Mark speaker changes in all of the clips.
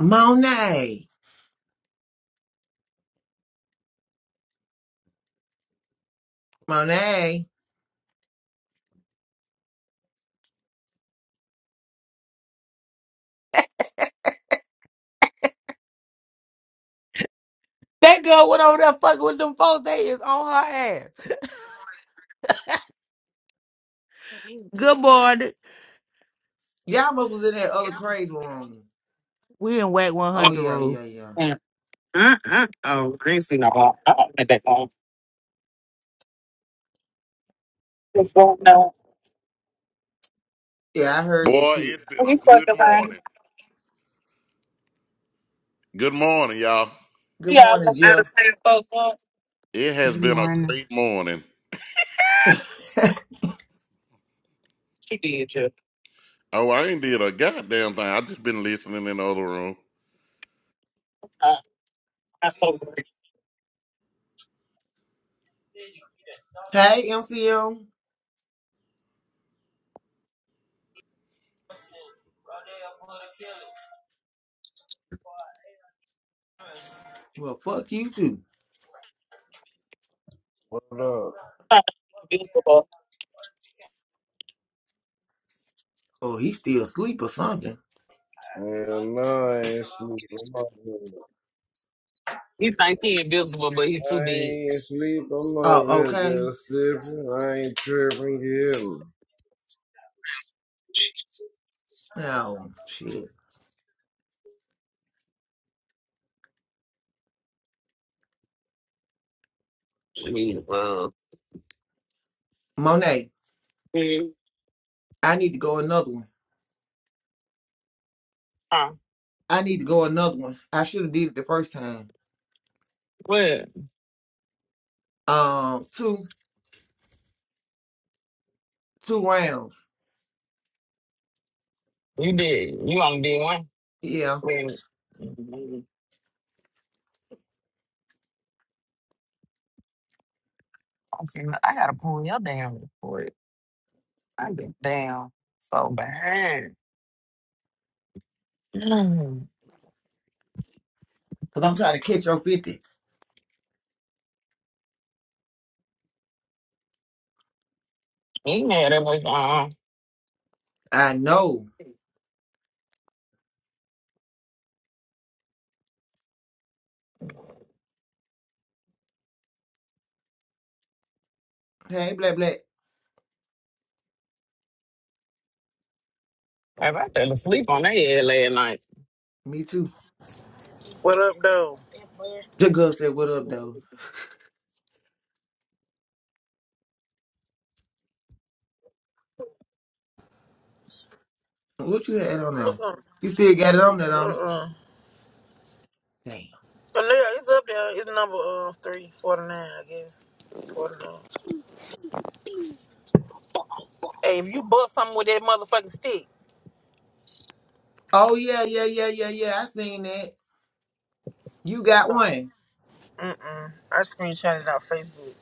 Speaker 1: Monet. Monet.
Speaker 2: That girl went over there fucking with them folks. They is on her ass. Good morning.
Speaker 1: Y'all must was in that other crazy room.
Speaker 2: We in Whack
Speaker 1: Oh
Speaker 2: 100
Speaker 1: yeah,
Speaker 2: rule.
Speaker 1: yeah, yeah.
Speaker 3: Mm, mm, mm. Oh, I ain't seen no ball. I don't think that ball. Just What's wrong now?
Speaker 1: Yeah, I heard that
Speaker 4: Boy,
Speaker 1: shit.
Speaker 4: it's been a
Speaker 3: We
Speaker 4: good
Speaker 3: fucking lying.
Speaker 4: morning. Good morning, y'all.
Speaker 1: Good
Speaker 3: Yeah, I
Speaker 1: morning,
Speaker 3: look out of
Speaker 1: Jeff.
Speaker 3: town, folks. Well,
Speaker 4: It has
Speaker 5: Good
Speaker 4: been a
Speaker 5: morning.
Speaker 4: great morning.
Speaker 3: She did, yeah.
Speaker 4: Oh, I ain't did a goddamn thing. I just been listening in the other room.
Speaker 3: Uh, I'm so great.
Speaker 1: Hey, MCM. Well, fuck you too.
Speaker 6: What up?
Speaker 3: invisible.
Speaker 1: Oh, he still asleep or something.
Speaker 6: Man, no, I ain't sleep. I'm over here.
Speaker 3: He think he invisible, but he too
Speaker 6: I
Speaker 3: dead.
Speaker 6: ain't sleep. I'm
Speaker 1: Oh,
Speaker 6: over here
Speaker 1: okay.
Speaker 6: just sipping. I ain't tripping. You hear me?
Speaker 1: No shit.
Speaker 3: I mean, uh,
Speaker 1: Monet,
Speaker 3: mm,
Speaker 1: I need to go another one.
Speaker 3: huh?
Speaker 1: I need to go another one. I should have did it the first time.
Speaker 3: What?
Speaker 1: Um, two, two rounds.
Speaker 3: You did. You only did one.
Speaker 1: Yeah,
Speaker 3: I mean, mm, I said, "Look, I gotta pull your damn report. I get down so bad. Mm.
Speaker 1: cause I'm trying to catch your fifty.
Speaker 3: He had that much on.
Speaker 1: I know. Hey, black, black.
Speaker 3: If I fell asleep on that head last night,
Speaker 1: Me too.
Speaker 7: What up, though?
Speaker 1: The girl said, "What up, though?" What you had on
Speaker 7: Look
Speaker 1: now?
Speaker 7: on.
Speaker 1: You still got it on that on it?
Speaker 7: Uh-uh.
Speaker 1: Damn.
Speaker 7: But no, yeah, it's up there. It's number uh, three forty nine, I guess. 49. Hey, if you bought something with that motherfucking stick,
Speaker 1: Oh yeah, yeah, yeah, yeah, yeah. I seen that. You got
Speaker 7: stop.
Speaker 1: one.
Speaker 7: Mm-mm. I screenshot it out Facebook.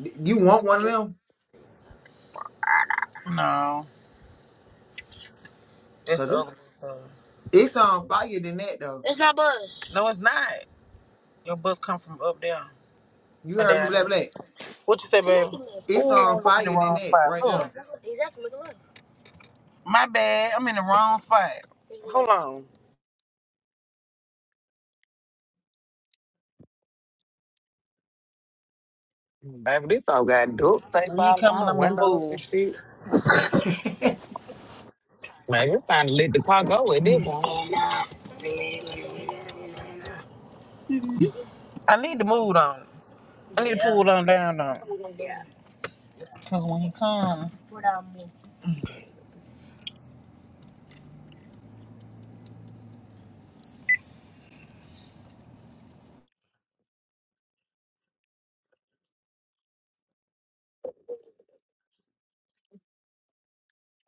Speaker 1: D- You want one of them?
Speaker 7: No. That's
Speaker 1: Cause
Speaker 7: the other
Speaker 1: it's
Speaker 7: one. so.
Speaker 1: it's on fire than that though.
Speaker 7: It's not bus. No, it's not. Your bus come from up there.
Speaker 1: You
Speaker 7: Or
Speaker 1: heard me,
Speaker 7: down
Speaker 1: Black
Speaker 7: there.
Speaker 1: Black.
Speaker 7: What you say, baby?
Speaker 1: It's
Speaker 7: Ooh,
Speaker 1: on
Speaker 7: I'm in the
Speaker 1: fire than
Speaker 7: wrong
Speaker 1: that
Speaker 7: spot.
Speaker 1: right
Speaker 7: Look.
Speaker 1: there.
Speaker 7: Exactly. Look at My bad. I'm in the wrong spot. Hold on.
Speaker 3: baby, this all got duct tape
Speaker 7: When you
Speaker 3: all on
Speaker 7: coming,
Speaker 3: her
Speaker 7: I'm going to
Speaker 3: windows and
Speaker 7: move.
Speaker 3: shit. Man, it's time to let the car go at this point.
Speaker 7: I need to move on. I need to Yeah. pull down down though. Yeah. Cause when he come, Pull down more.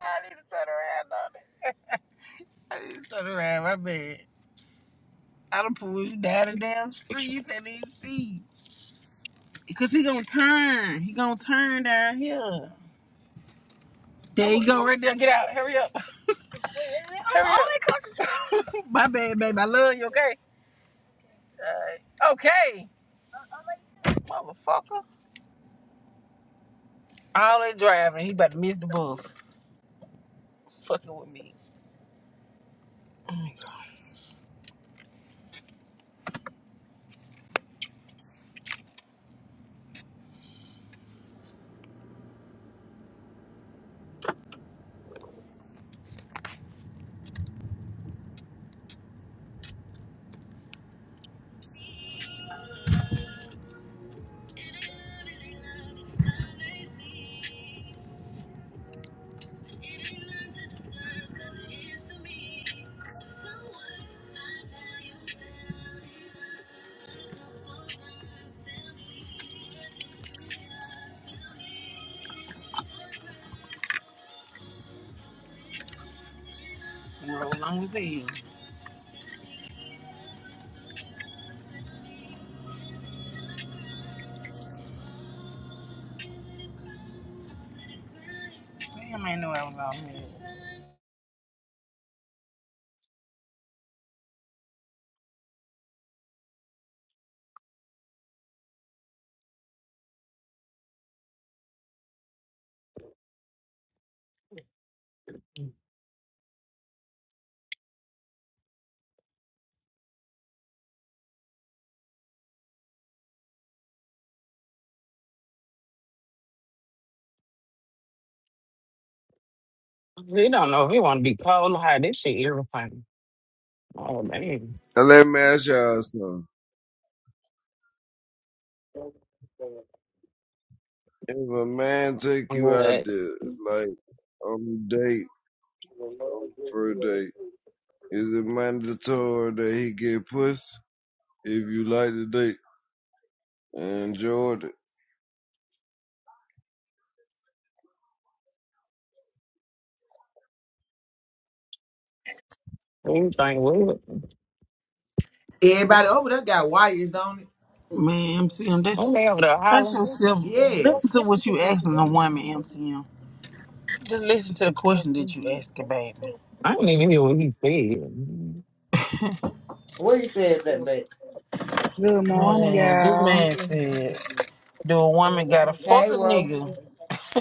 Speaker 7: I need to turn around on it. I need to turn around. My bad. I done pulled you down the damn street. You can't even see. Cause he gonna turn. He gonna turn down here. There you go, right there. Get out. Hurry up. Hurry all the countries. up. My bad, baby. I love you. Okay. All right. Okay. Motherfucker. All they driving. He about to miss the bus. Fucking with me. Roll long as hell. Damn, I didn't know I was out here.
Speaker 3: He don't know if he want to be cold or hot. This shit irritating. Oh man,
Speaker 6: And let me ask y'all something. If a man take you out
Speaker 3: what?
Speaker 6: there, like on a date, on a first date, is it mandatory that he get pussy if you like the date and enjoyed it?
Speaker 3: You think we?
Speaker 1: Everybody over there got wires on it.
Speaker 7: Man, MCM, that's
Speaker 3: I'm over there
Speaker 7: ask
Speaker 3: hollering.
Speaker 7: yourself.
Speaker 1: Yes.
Speaker 7: Listen to what you asking the woman, MCM. Just listen to the question that you asking, baby.
Speaker 3: I don't even hear what he said.
Speaker 1: What you said, Black Black?
Speaker 8: Good morning,
Speaker 7: Man, this
Speaker 8: y'all.
Speaker 7: man said, "Do a woman gotta fuck
Speaker 1: Hey,
Speaker 7: a
Speaker 1: bro.
Speaker 7: nigga?"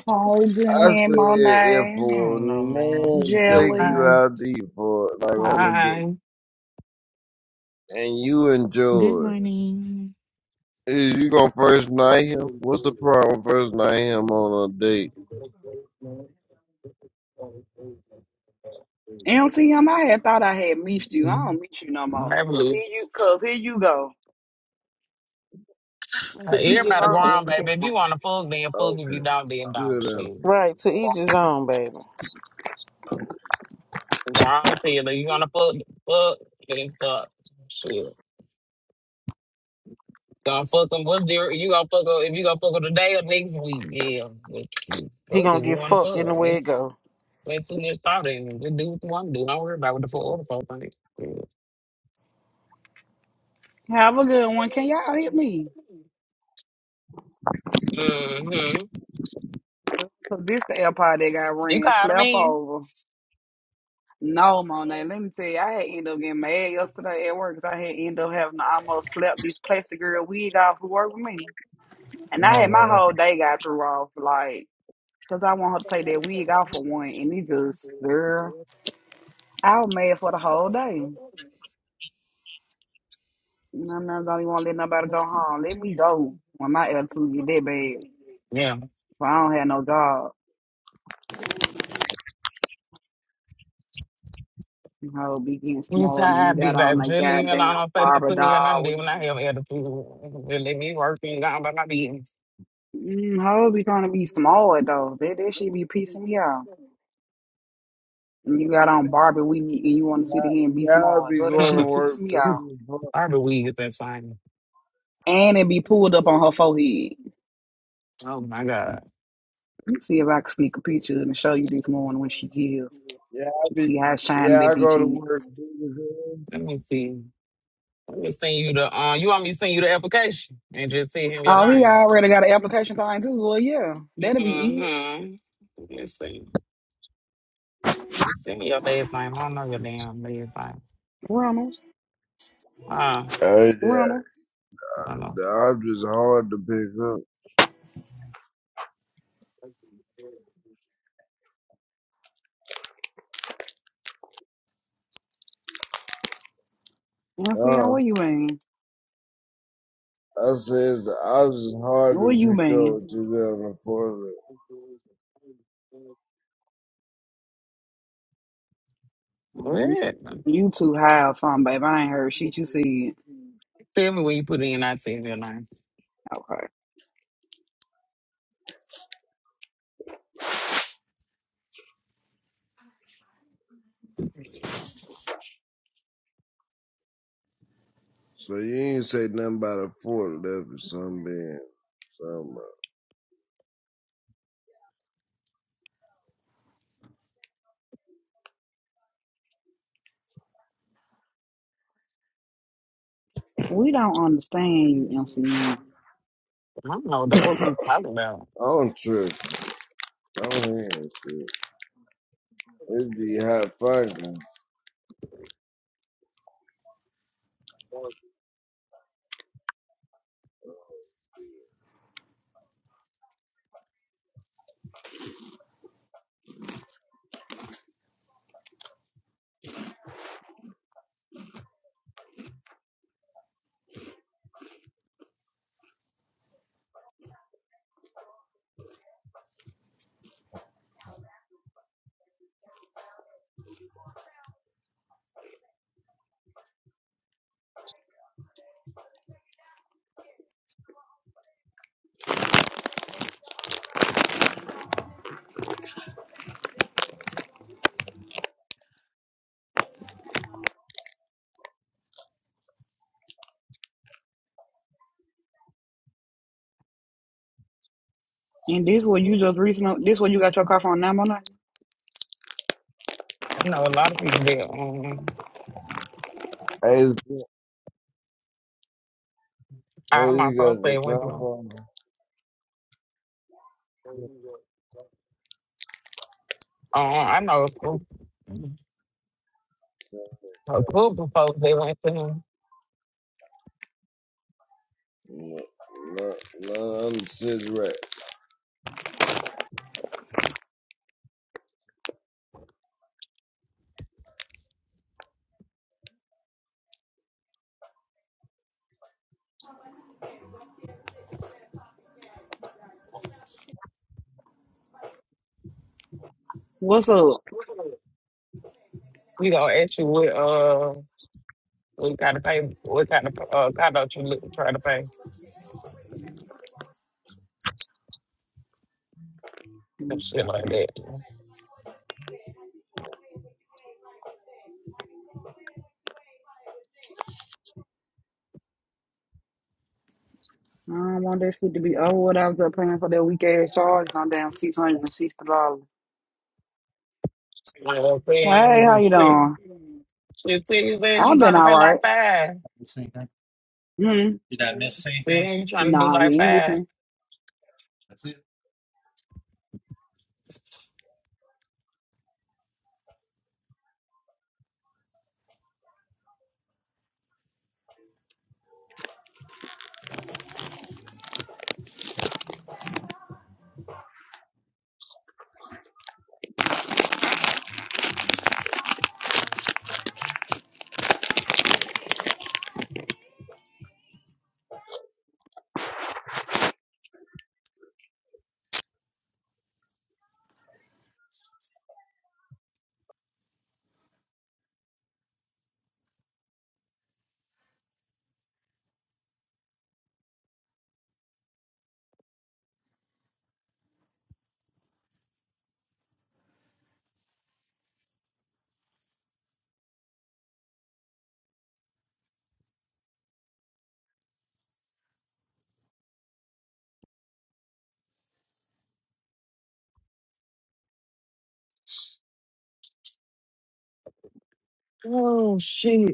Speaker 8: Paul,
Speaker 6: I
Speaker 8: Jenny,
Speaker 6: said if
Speaker 8: Monet,
Speaker 7: I
Speaker 6: a
Speaker 7: don't know, man.
Speaker 6: man take
Speaker 8: Jelly.
Speaker 6: you
Speaker 3: Hi,
Speaker 6: out there for like on a
Speaker 3: hi.
Speaker 6: date and you enjoy
Speaker 5: Good
Speaker 6: it.
Speaker 5: morning.
Speaker 6: Is you gonna first night him? What's the problem first night him on a date?
Speaker 3: Baby,
Speaker 8: MCM, I had thought I had missed you. I don't miss you no more. Cause here
Speaker 3: Lou,
Speaker 8: you, cause here you go.
Speaker 3: everybody grown, baby. If you want to fuck, then fuck. If you
Speaker 6: Okay,
Speaker 3: don't, then don't.
Speaker 6: good
Speaker 3: Shit.
Speaker 6: answer.
Speaker 7: Right to each his own, baby.
Speaker 3: Grown to tell you, you want to fuck, fuck, then fuck. Shit. Gonna fuck them. What's different? You gonna fuck 'em- if you gonna fuck 'em today or next week? Yeah.
Speaker 7: He
Speaker 3: Fuck if
Speaker 7: gonna
Speaker 3: you
Speaker 7: get
Speaker 3: want to
Speaker 7: fucked in
Speaker 3: fuck.
Speaker 7: the way
Speaker 3: Ain't,
Speaker 7: it goes.
Speaker 3: ain't too much thought in it. Just do what you want to do. Don't worry about what the fuck other folk think.
Speaker 8: Have a good one. Can y'all hit me?
Speaker 3: Mm-hmm.
Speaker 8: Cause this the airport that got
Speaker 3: You
Speaker 8: ran,
Speaker 3: called him
Speaker 8: slept
Speaker 3: in?
Speaker 8: over. No, Monet. Let me tell you, I had ended up getting mad yesterday at work 'cause I had ended up having to almost slap this plastic girl wig off who worked with me. And I
Speaker 3: No,
Speaker 8: had my
Speaker 3: no.
Speaker 8: whole day got through off, like, cause I want her to take that wig off for one, and it just, girl. I was mad for the whole day. And I'm not gonna even want to let nobody go home. Let me go when my attitude get that bad.
Speaker 3: Yeah.
Speaker 8: If I don't have no job, you know, be getting
Speaker 3: You
Speaker 8: small and you
Speaker 3: tired, be
Speaker 8: got on
Speaker 3: baby.
Speaker 8: that
Speaker 3: Just leave me
Speaker 8: goddamn
Speaker 3: alone. Don't say nothing
Speaker 8: barber
Speaker 3: to me or nothing.
Speaker 8: doll
Speaker 3: Then when I
Speaker 8: weed.
Speaker 3: have attitude, just let me work and go on by my business.
Speaker 8: Mm, hoe be trying to be small though. That that shit be piecing me out. And you got on Barbie weed and you
Speaker 6: Yeah,
Speaker 8: want to sit here and be
Speaker 6: yeah, I
Speaker 8: small.
Speaker 6: be
Speaker 8: Girl, that
Speaker 6: going to
Speaker 8: shit piece
Speaker 6: work.
Speaker 8: me
Speaker 6: big
Speaker 8: out.
Speaker 6: as hell.
Speaker 3: Barbie wig is that same.
Speaker 8: And it be pulled up on her forehead.
Speaker 3: Oh my God.
Speaker 8: Let me see if I can sneak a picture and show you this morning when she give.
Speaker 6: Yeah, I be.
Speaker 8: See how shiny
Speaker 6: Yeah,
Speaker 8: that
Speaker 6: I
Speaker 8: bitch
Speaker 6: go to
Speaker 8: is.
Speaker 6: work. big as hell.
Speaker 3: Let me see. Let me send you the uh you want me to send you the application and just send him your
Speaker 8: Oh, he
Speaker 3: name.
Speaker 8: already got an application time too. Well, yeah, that'll be easy.
Speaker 3: Mm-hmm. Let me see. Send me your last name. I don't know your damn last name.
Speaker 8: Reynolds,
Speaker 3: Ah.
Speaker 6: Hey, yeah,
Speaker 8: Reynolds,
Speaker 3: I don't know.
Speaker 6: the object's hard to pick
Speaker 8: And see,
Speaker 6: up. Uh,
Speaker 8: what you mean?
Speaker 6: I says the object's hard
Speaker 8: What
Speaker 6: to
Speaker 8: you
Speaker 6: pick up
Speaker 8: mean?
Speaker 6: what you got on the forklift.
Speaker 8: Oh, You,
Speaker 3: What?
Speaker 8: you too high or something, babe. I ain't heard shit you said.
Speaker 3: Tell me when you put it in, I tell you your name.
Speaker 8: Okay.
Speaker 6: So you ain't say nothing about a forklift or something. being Something.
Speaker 8: We don't
Speaker 3: I
Speaker 8: understand you, MCM.
Speaker 3: don't know what the fuck we talking about.
Speaker 6: I don't trip. I don't hear it. it be hot fun.
Speaker 8: And this what you just recently, this what you got your car from now,
Speaker 3: I know a lot of people there.
Speaker 6: Hey,
Speaker 3: I
Speaker 6: oh,
Speaker 3: my
Speaker 6: you
Speaker 3: folks
Speaker 6: got the
Speaker 3: they went
Speaker 6: top
Speaker 3: through.
Speaker 6: on. No,
Speaker 3: Uh, I know a group a group of folks they went to him.
Speaker 6: no, no, I'm sitting right.
Speaker 8: What's up?
Speaker 3: We gonna ask you what uh what kind of pay what kind of uh conduct you look, try to pay and shit like
Speaker 8: Okay.
Speaker 3: that.
Speaker 8: I don't want that shit to be over with after paying for that week ass charge on damn $660. Hey,
Speaker 3: Like I'm
Speaker 8: how
Speaker 3: saying,
Speaker 8: you
Speaker 3: she
Speaker 8: doing?
Speaker 3: said you said you
Speaker 8: I've been
Speaker 3: trying to
Speaker 8: all
Speaker 3: pay
Speaker 8: right.
Speaker 3: like five.
Speaker 8: hmm Did I miss anything?
Speaker 3: Then you trying to do
Speaker 8: Nah, you
Speaker 3: like
Speaker 8: ain't
Speaker 3: five.
Speaker 8: missing. That's it.
Speaker 3: Oh shit!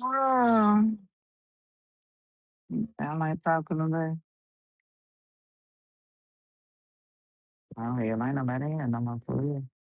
Speaker 3: Girl. I like talking today. I don't hear like nobody in no more for real.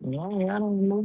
Speaker 3: No, I don't know